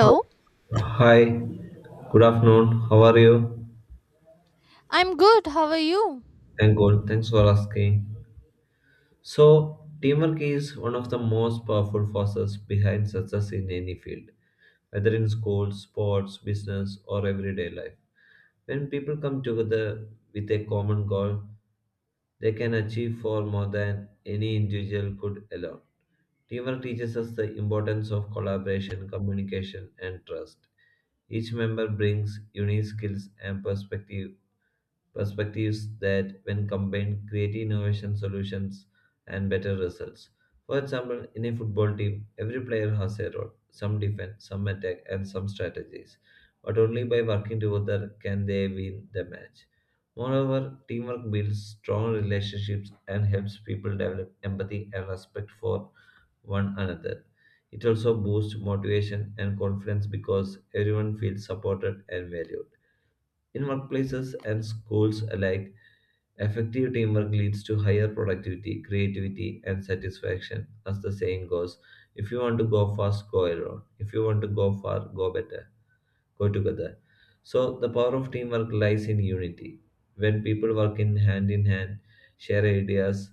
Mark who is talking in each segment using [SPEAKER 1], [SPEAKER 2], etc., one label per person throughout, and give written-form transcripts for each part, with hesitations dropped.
[SPEAKER 1] Hi, hi, Good afternoon. How are you?
[SPEAKER 2] I'm good. How are you?
[SPEAKER 1] Thank God. Thanks for asking. So, teamwork is one of the most powerful forces behind success in any field, whether in schools, sports, business, or everyday life. When people come together with a common goal, they can achieve far more than any individual could alone. Teamwork teaches us the importance of collaboration, communication, and trust. Each member brings unique skills and perspective perspectives that, when combined, create innovation solutions and better results. For example, in a football team, every player has a role, some defend, some attack, and some strategies. But only by working together can they win the match. Moreover, teamwork builds strong relationships and helps people develop empathy and respect for one another. It also boosts motivation and confidence because everyone feels supported and valued. In workplaces and schools alike, effective teamwork leads to higher productivity, creativity, and satisfaction. As the saying goes, if you want to go fast, go alone. If you want to go far, go together. So the power of teamwork lies in unity. When people work in hand, share ideas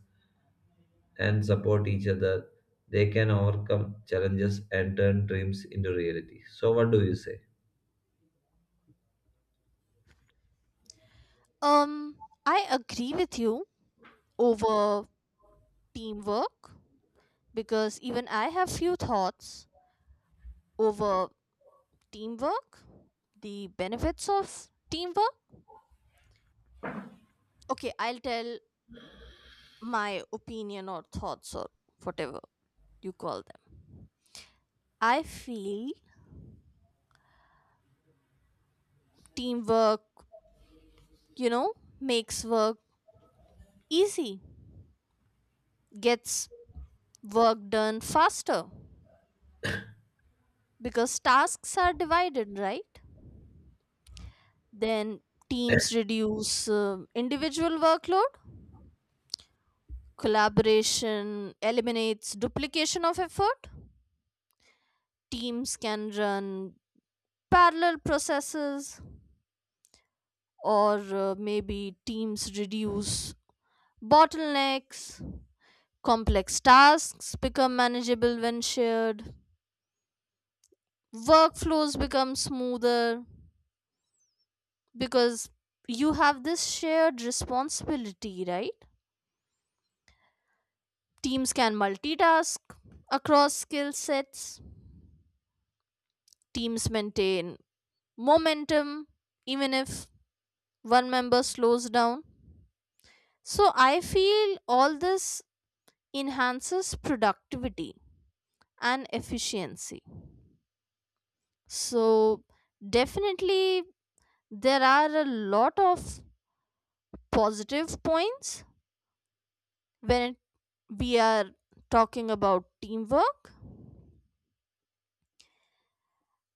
[SPEAKER 1] and support each other, they can overcome challenges and turn dreams into reality. So what do you say?
[SPEAKER 2] Um, I agree with you over teamwork, because even I have few thoughts over teamwork, the benefits of teamwork. Okay, I'll tell my opinion or thoughts or whatever you call them. I feel teamwork, you know, makes work easy, gets work done faster because tasks are divided, right? Then teams reduce individual workload. Collaboration eliminates duplication of effort. Teams can run parallel processes, or maybe teams reduce bottlenecks. Complex tasks become manageable when shared. Workflows become smoother because you have this shared responsibility, right? Teams can multitask across skill sets, teams maintain momentum even if one member slows down. So I feel all this enhances productivity and efficiency. So definitely there are a lot of positive points when we are talking about teamwork,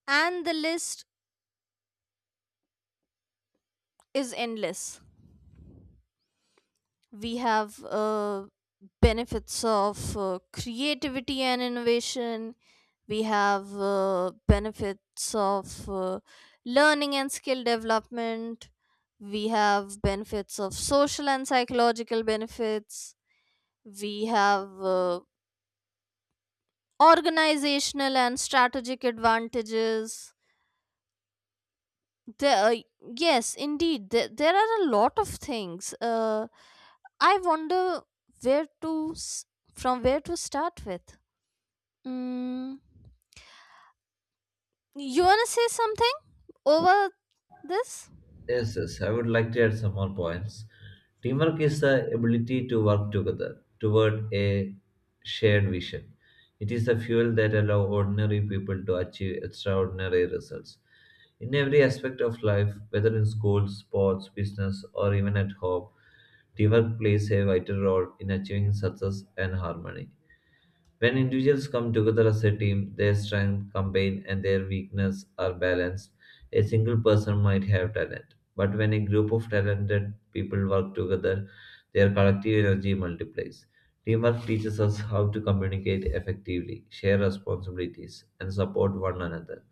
[SPEAKER 2] and the list is endless. We have benefits of creativity and innovation, we have benefits of learning and skill development, we have benefits of social and psychological benefits, we have uh, organizational and strategic advantages. There Yes, indeed, there are a lot of things. I wonder where to s- from where to start with. mm, you want to say something over this?
[SPEAKER 1] Yes, yes, I would like to add some more points. Teamwork is the ability to work together toward a shared vision. It is the fuel that allows ordinary people to achieve extraordinary results. In every aspect of life, whether in school, sports, business, or even at home, teamwork plays a vital role in achieving success and harmony. When individuals come together as a team, their strengths combine and their weaknesses are balanced. A single person might have talent, but when a group of talented people work together, their collective energy multiplies. Teamwork teaches us how to communicate effectively, share responsibilities, and support one another.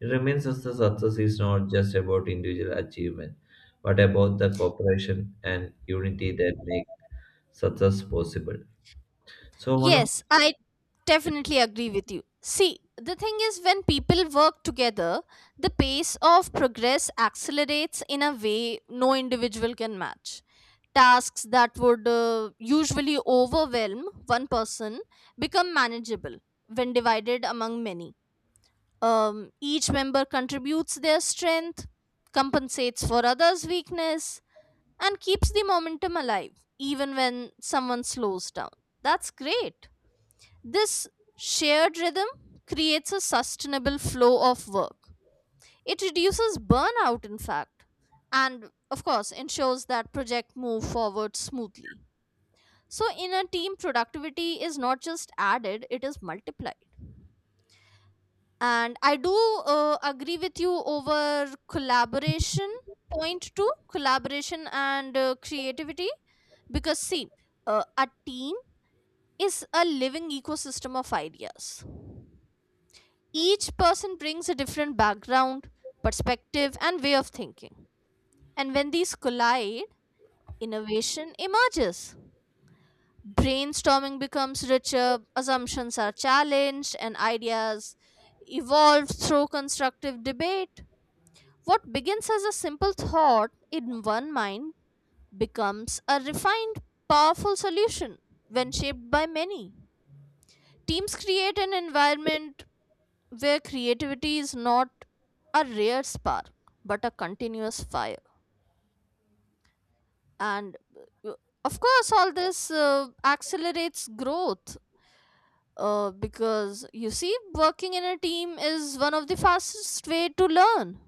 [SPEAKER 1] It reminds us that success is not just about individual achievement, but about the cooperation and unity that make success possible. So one of
[SPEAKER 2] Yes, I definitely agree with you. See, the thing is, when people work together, the pace of progress accelerates in a way no individual can match. Tasks that would usually overwhelm one person become manageable when divided among many. Each member contributes their strength, compensates for others' weakness, and keeps the momentum alive even when someone slows down. That's great, this shared rhythm creates a sustainable flow of work. It reduces burnout, in fact, and of course ensures that project move forward smoothly. So in a team, productivity is not just added, it is multiplied. And I do agree with you over collaboration. Point two, collaboration and creativity. Because, see, a team is a living ecosystem of ideas. Each person brings a different background, perspective, and way of thinking. And when these collide, innovation emerges. Brainstorming becomes richer, assumptions are challenged, and ideas evolve through constructive debate. What begins as a simple thought in one mind becomes a refined, powerful solution when shaped by many. Teams create an environment where creativity is not a rare spark but a continuous fire, and uh, of course all this accelerates growth, because you see working in a team is one of the fastest way to learn.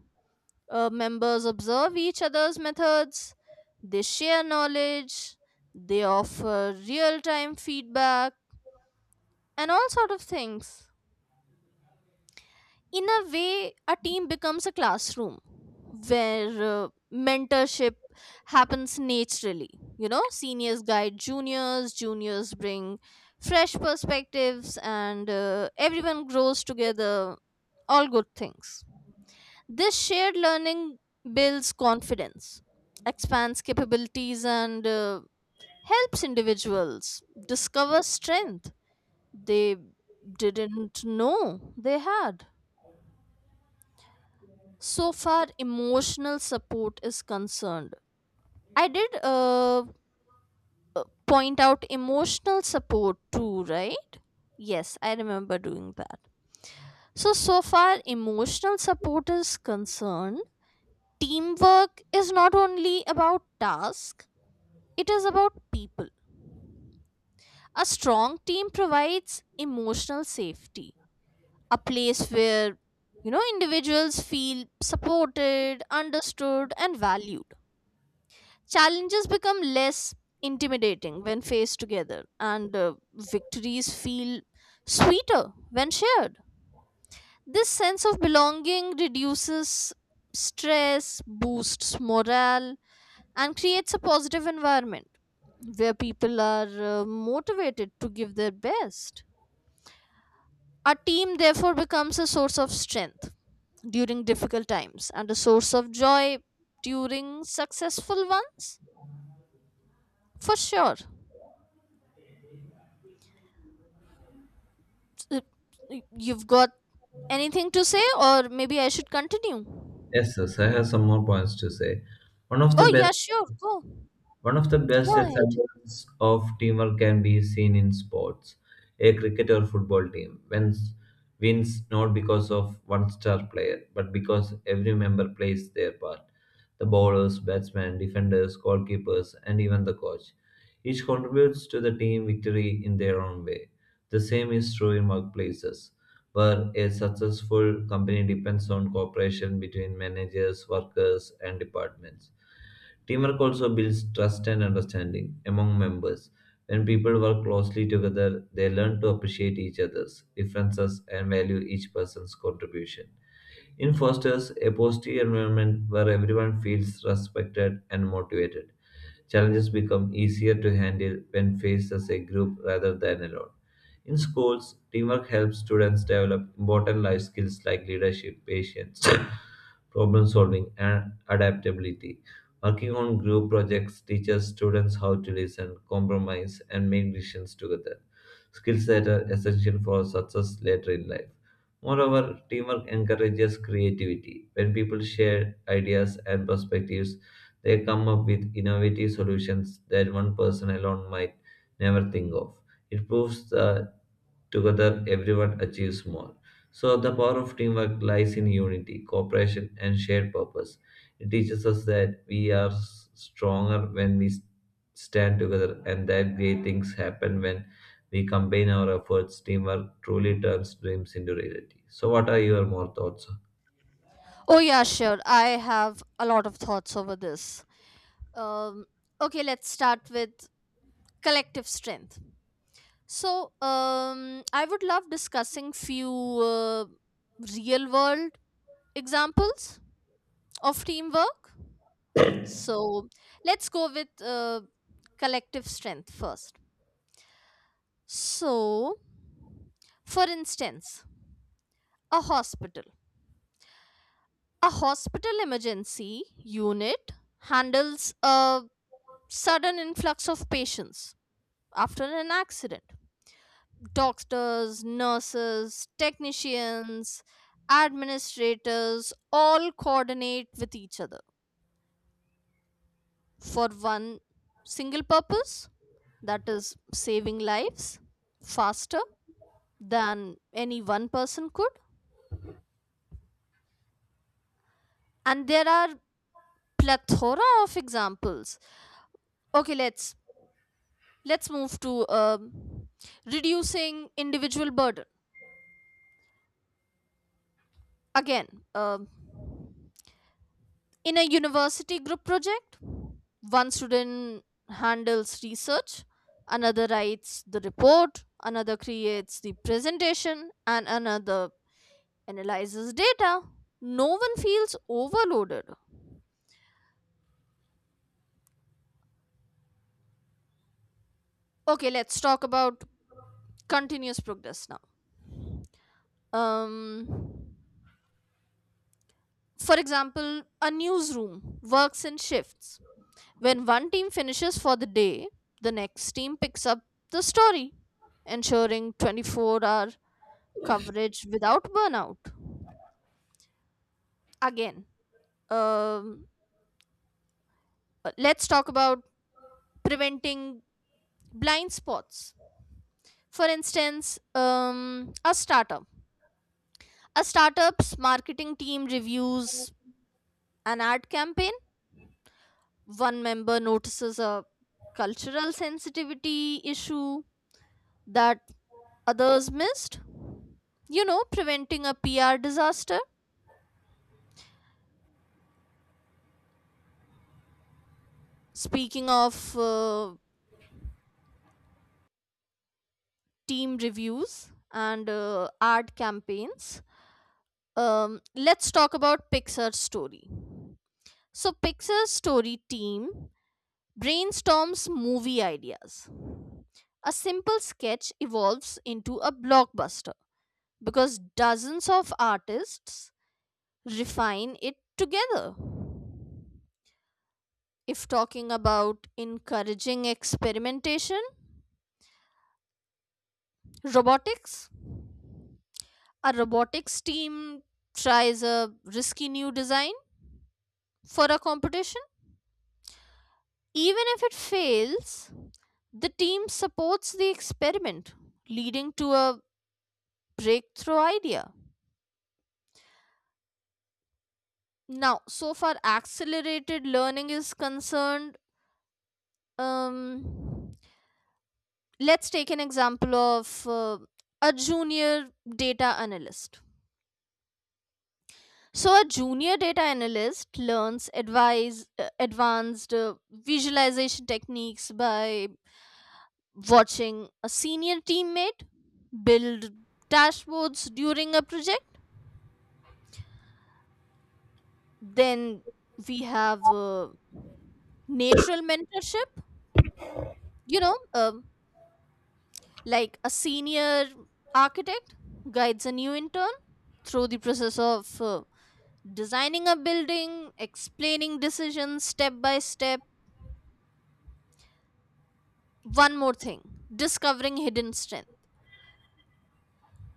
[SPEAKER 2] Members observe each other's methods, they share knowledge, they offer real time feedback and all sort of things. In a way, a team becomes a classroom where uh, mentorship happens naturally. You know, seniors guide juniors, juniors bring fresh perspectives, and everyone grows together. All good things. This shared learning builds confidence, expands capabilities, and helps individuals discover strength they didn't know they had. So far emotional support is concerned, I did point out emotional support too, right? Yes, I remember doing that. So so far emotional support is concerned, teamwork is not only about task, it is about people. A strong team provides emotional safety, a place where, you know, individuals feel supported, understood, and valued. Challenges become less intimidating when faced together, and victories feel sweeter when shared. This sense of belonging reduces stress, boosts morale, and creates a positive environment where people are motivated to give their best. Our team therefore becomes a source of strength during difficult times and a source of joy during successful ones. For sure. Uh, You've got anything to say, or maybe I should continue?
[SPEAKER 1] yes, yes, I have some more points to say. One of the
[SPEAKER 2] Oh, yeah,
[SPEAKER 1] best
[SPEAKER 2] sure. Go.
[SPEAKER 1] One of the best
[SPEAKER 2] Go ahead.
[SPEAKER 1] examples of teamwork can be seen in sports. A cricket or wins not because of one star player, but because every member plays their part. The bowlers, batsmen, defenders, goalkeepers, and even the coach. Each contributes to the team victory in their own way. The same is true in workplaces, where a successful company depends on cooperation between managers, workers, and departments. Teamwork also builds trust and understanding among members. When people work closely together, they learn to appreciate each other's differences and value each person's contribution. It fosters a positive environment where everyone feels respected and motivated. Challenges become easier to handle when faced as a group rather than alone. In schools, teamwork helps students develop important life skills like leadership, patience, problem solving, and adaptability. Working on group projects teaches students how to listen, compromise, and make decisions together, skills that are essential for success later in life. Moreover, teamwork encourages creativity. When people share ideas and perspectives, they come up with innovative solutions that one person alone might never think of. It proves that together everyone achieves more. So, the power of teamwork lies in unity, cooperation, and shared purpose. It teaches us that we are stronger when we stand together and that great things happen when we combine our efforts. Teamwork truly turns dreams into reality. So, what are, your more thoughts?
[SPEAKER 2] Oh, yeah, sure. I have a lot of thoughts over this. Um, okay, let's start with collective strength. So, I would love discussing few uh, real world examples of teamwork. So, let's go with collective strength first. So, for instance, a hospital. A hospital emergency unit handles a sudden influx of patients after an accident. Doctors, nurses, technicians, administrators all coordinate with each other for one single purpose, that is, saving lives faster than any one person could. And there are plethora of examples. Okay, let's move to reducing individual burden again. um, in a university group project, one student handles research, another writes the report, another creates the presentation, and another analyzes data. No one feels overloaded. Okay, let's talk about continuous progress now. um for example, a newsroom works in shifts. When one team finishes for the day, the next team picks up the story, ensuring 24-hour coverage without burnout. Again, um, let's talk about preventing blind spots. For instance, a startup. A startup's marketing team reviews an ad campaign. One member notices a cultural sensitivity issue that others missed. You know, preventing a PR disaster. Speaking of team reviews and ad campaigns, let's talk about Pixar's story. So, Pixar's story team brainstorms movie ideas. A simple sketch evolves into a blockbuster because dozens of artists refine it together. If talking about encouraging experimentation, robotics, a robotics team tries a risky new design for a competition. Even if it fails, the team supports the experiment, leading to a breakthrough idea. Now, so far, accelerated learning is concerned. Um, let's take an example of a junior data analyst. So, a junior data analyst learns advanced visualization techniques by watching a senior teammate build dashboards during a project. Then we have natural mentorship, you know, like a senior architect guides a new intern through the process of designing a building, explaining decisions step by step. One more thing, discovering hidden strength.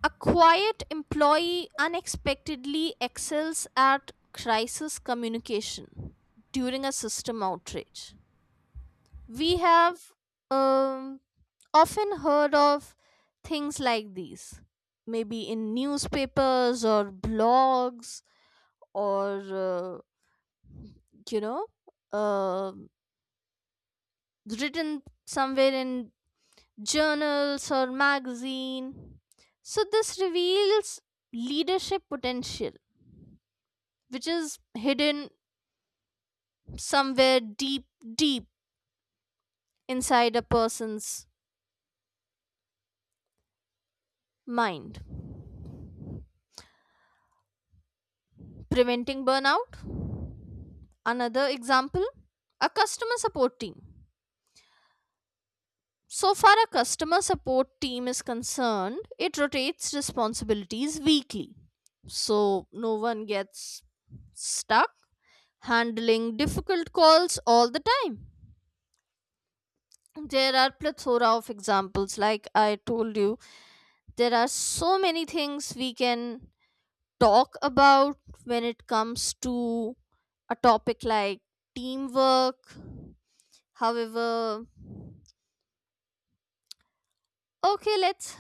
[SPEAKER 2] A quiet employee unexpectedly excels at crisis communication during a system outrage. We have um, often heard of things like these, maybe in newspapers or blogs, or you know, uh, written somewhere in journals or magazine. So this reveals leadership potential which is hidden somewhere deep, deep inside a person's mind. Preventing burnout, another example, a customer support team. So far a customer support team is concerned, it rotates responsibilities weekly, so no one gets stuck handling difficult calls all the time. There are plethora of examples. Like I told you, there are so many things we can talk about when it comes to a topic like teamwork. However, okay, let's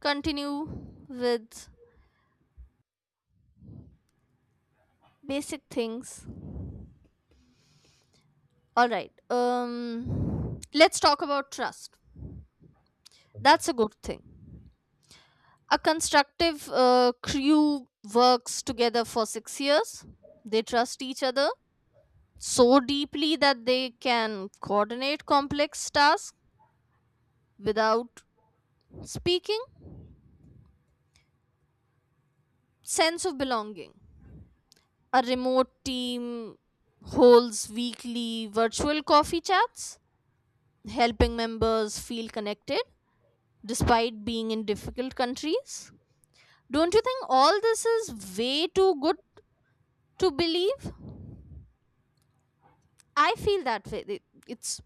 [SPEAKER 2] continue with basic things. All right. Let's talk about trust. That's a good thing. A constructive crew works together for 6 years. They trust each other so deeply that they can coordinate complex tasks without speaking. Sense of belonging. A remote team holds weekly virtual coffee chats, helping members feel connected despite being in difficult countries. Don't you think all this is way too good to believe? I feel that way. It's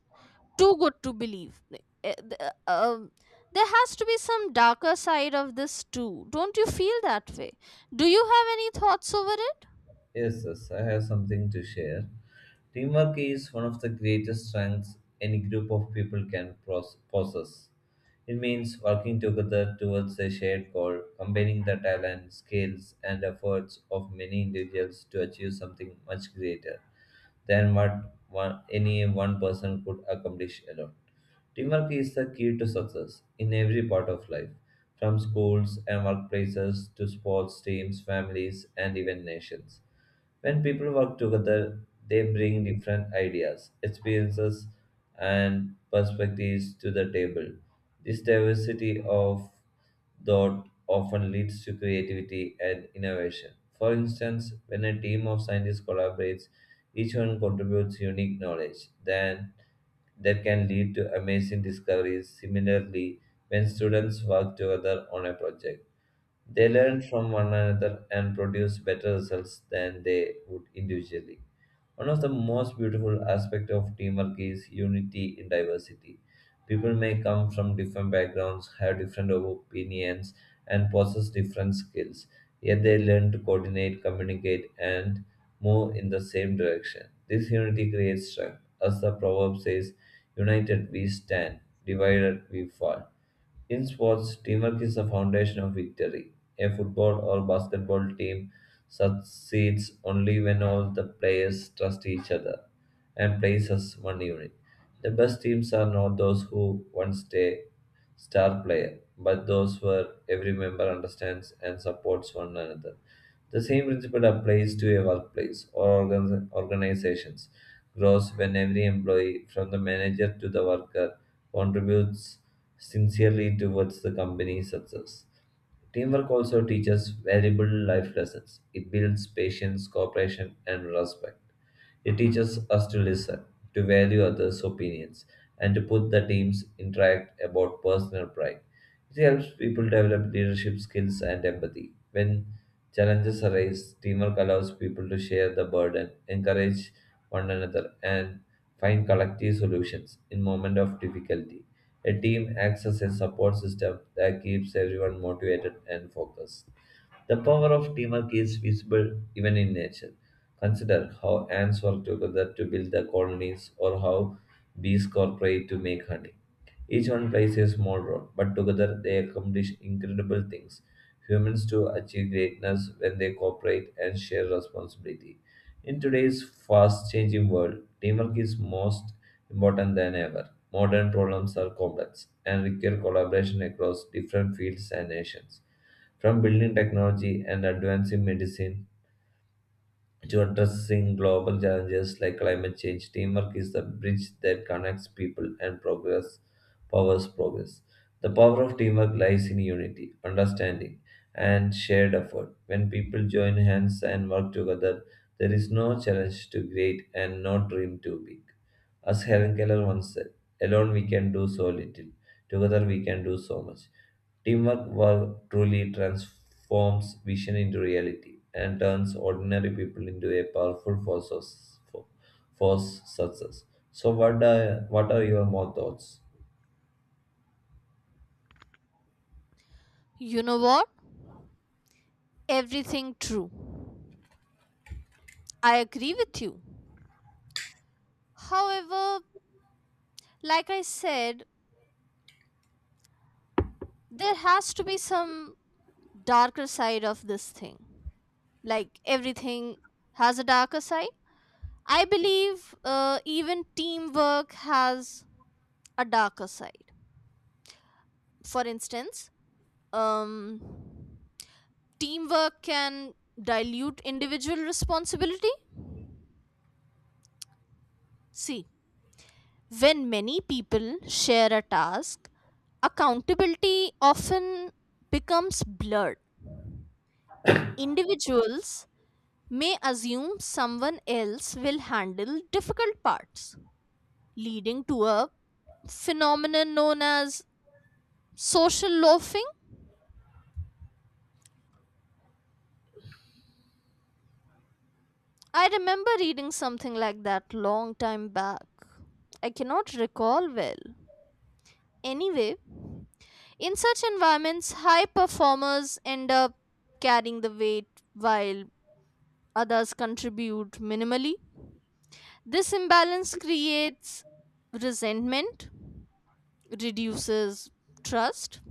[SPEAKER 2] too good to believe. There has to be some darker side of this too. Don't you feel that way? Do you have any thoughts over it?
[SPEAKER 1] Yes, yes, I have something to share. Teamwork is one of the greatest strengths any group of people can possess. It means working together towards a shared goal, combining the talent, skills, and efforts of many individuals to achieve something much greater than any one person could accomplish alone. Teamwork is the key to success in every part of life, from schools and workplaces to sports teams, families, and even nations. When people work together, they bring different ideas, experiences, and perspectives to the table. This diversity of thought often leads to creativity and innovation. For instance, when a team of scientists collaborates, each one contributes unique knowledge. Then that can lead to amazing discoveries. Similarly, when students work together on a project, they learn from one another and produce better results than they would individually. One of the most beautiful aspects of teamwork is unity in diversity. People may come from different backgrounds, have different opinions, and possess different skills, yet they learn to coordinate, communicate, and move in the same direction. This unity creates strength. As the proverb says, united we stand, divided we fall. In sports, teamwork is the foundation of victory. A football or basketball team succeeds only when all the players trust each other and plays as one unit. The best teams are not those who once a star player, but those where every member understands and supports one another. The same principle applies to a workplace or organizations. Grows when every employee, from the manager to the worker, contributes sincerely towards the company's success. Teamwork also teaches valuable life lessons. It builds patience, cooperation, and respect. It teaches us to listen, to value others' opinions, and to put the team's interact about personal pride. It helps people develop leadership skills and empathy. When challenges arise, teamwork allows people to share the burden, encourage one another, and find collective solutions in moment of difficulty. A team acts as a support system that keeps everyone motivated and focused. The power of teamwork is visible even in nature. Consider how ants work together to build their colonies or how bees cooperate to make honey. Each one plays a small role, but together they accomplish incredible things. Humans too achieve greatness when they cooperate and share responsibility. In today's fast changing world, teamwork is most important than ever. Modern problems are complex and require collaboration across different fields and nations. From building technology and advancing medicine to addressing global challenges like climate change, teamwork is the bridge that connects people and progress powers progress. The power of teamwork lies in unity, understanding, and shared effort. When people join hands and work together, there is no challenge too great and no dream too big. As Helen Keller once said, alone we can do so little, together we can do so much. Teamwork work truly transforms vision into reality and turns ordinary people into a powerful for, force success. So what are your more thoughts?
[SPEAKER 2] You know what? Everything true. I agree with you. However, like I said, there has to be some darker side of this thing. Like everything has a darker side. I believe even teamwork has a darker side. For instance, um, teamwork can dilute individual responsibility. See, when many people share a task, accountability often becomes blurred. Individuals may assume someone else will handle difficult parts, leading to a phenomenon known as social loafing. I remember reading something like that long time back. I cannot recall well. Anyway, in such environments, high performers end up carrying the weight while others contribute minimally. This imbalance creates resentment, reduces trust,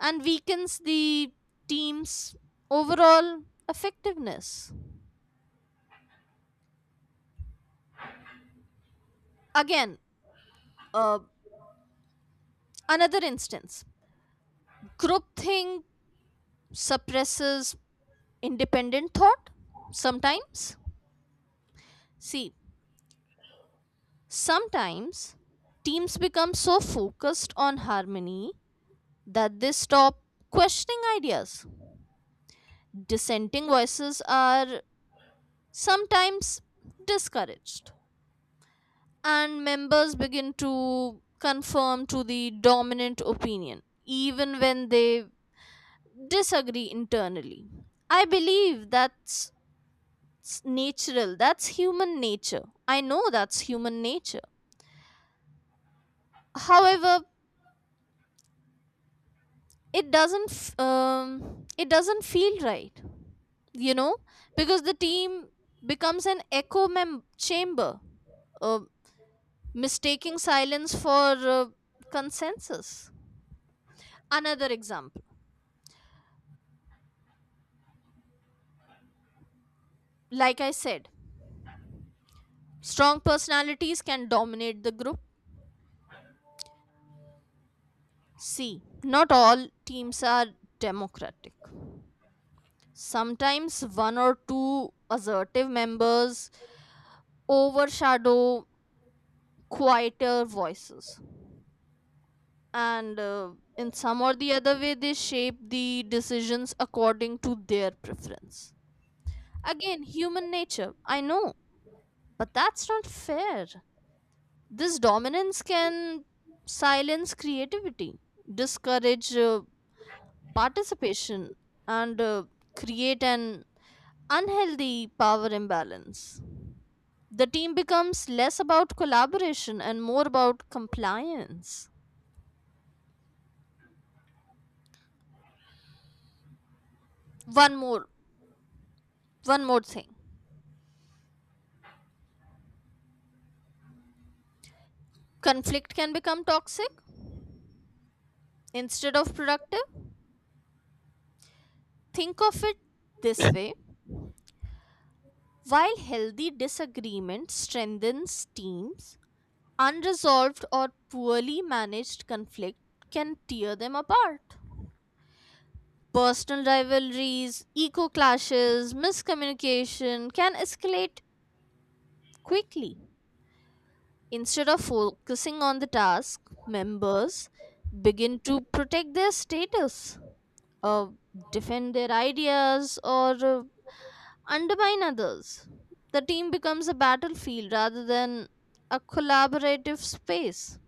[SPEAKER 2] and weakens the team's overall effectiveness. Again, uh, another instance, groupthink suppresses independent thought sometimes. See, sometimes teams become so focused on harmony that they stop questioning ideas. Dissenting voices are sometimes discouraged, and members begin to conform to the dominant opinion, even when they disagree internally. I believe that's natural, that's human nature. I know that's human nature. However, it doesn't f- um, it doesn't feel right, you know, because the team becomes an chamber, uh, mistaking silence for uh, consensus. Another example, like I said, strong personalities can dominate the group. See, not all teams are democratic. Sometimes one or two assertive members overshadow quieter voices, and in some or the other way they shape the decisions according to their preference. Again, human nature, I know, but that's not fair. This dominance can silence creativity, discourage participation, and create an unhealthy power imbalance. The team becomes less about collaboration and more about compliance. one more One more thing, conflict can become toxic instead of productive. Think of it this way. While healthy disagreement strengthens teams, unresolved or poorly managed conflict can tear them apart. Personal rivalries, eco clashes, miscommunication can escalate quickly. Instead of focusing on the task, members begin to protect their status, uh, defend their ideas, or undermine others. The team becomes a battlefield rather than a collaborative space.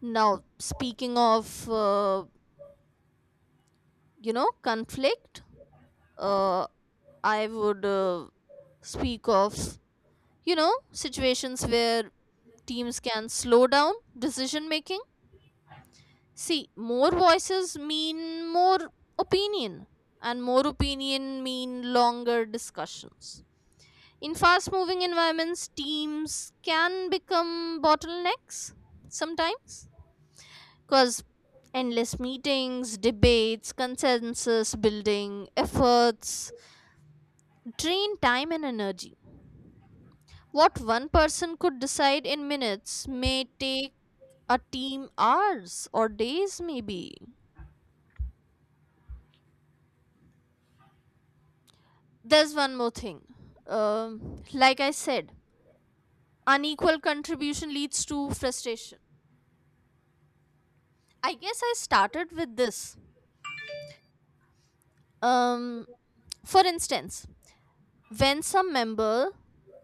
[SPEAKER 2] Now, speaking of, you know, conflict, uh, I would speak of, you know, situations where teams can slow down decision making. See, more voices mean more opinion, and more opinion mean longer discussions. In fast moving environments, teams can become bottlenecks sometimes because endless meetings, debates, consensus building efforts drain time and energy. What one person could decide in minutes may take a team hours or days, maybe. There's one more thing. Like I said, unequal contribution leads to frustration. I guess I started with this. Um, For instance, when some member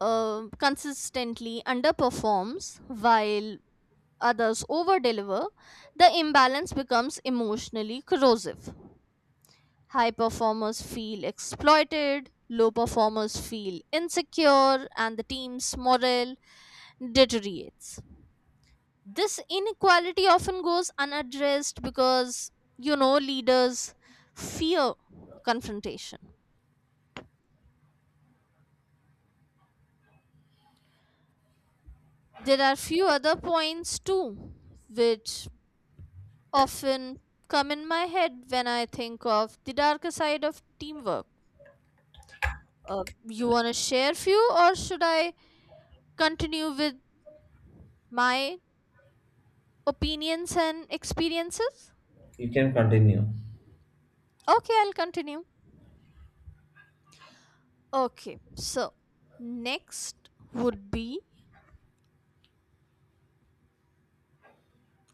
[SPEAKER 2] consistently underperforms while others over deliver, the imbalance becomes emotionally corrosive. High performers feel exploited, low performers feel insecure, and the team's morale deteriorates. This inequality often goes unaddressed because, you know, leaders fear confrontation. There are few other points too, which often come in my head when I think of the darker side of teamwork. You want to share few, or should I continue with my opinions and experiences?
[SPEAKER 1] You can continue.
[SPEAKER 2] Okay, I'll continue. Okay, so next would be,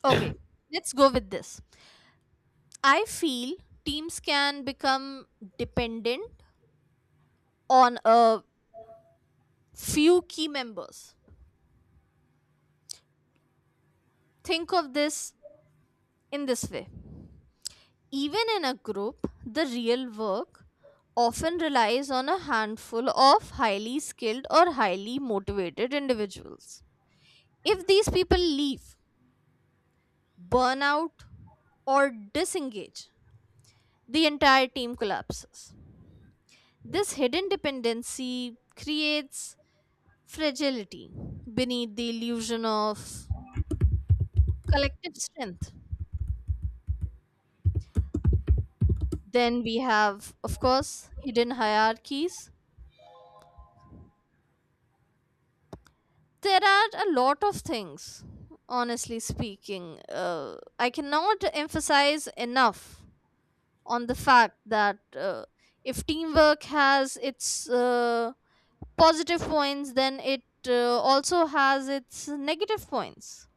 [SPEAKER 2] okay, let's go with this. I feel teams can become dependent on a few key members. Think of this in this way. Even in a group, the real work often relies on a handful of highly skilled or highly motivated individuals. If these people leave, burn out, or disengage, the entire team collapses. This hidden dependency creates fragility beneath the illusion of collective strength. Then we have, of course, hidden hierarchies, there are a lot of things. Honestly speaking, I cannot emphasize enough on the fact that, if teamwork has its positive points, then it also has its negative points.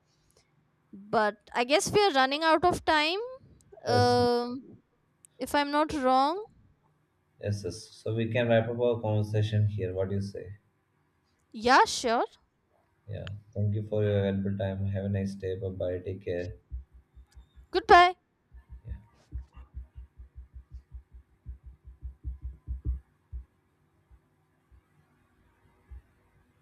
[SPEAKER 2] But I guess we are running out of time.
[SPEAKER 1] Yes,
[SPEAKER 2] Um if I'm not wrong.
[SPEAKER 1] yes, yes. So we can wrap up our conversation here. What do you say?
[SPEAKER 2] Yeah, sure.
[SPEAKER 1] Yeah. Thank you for your valuable time. Have a nice day. Bye bye. Take care.
[SPEAKER 2] Goodbye.
[SPEAKER 1] Yeah.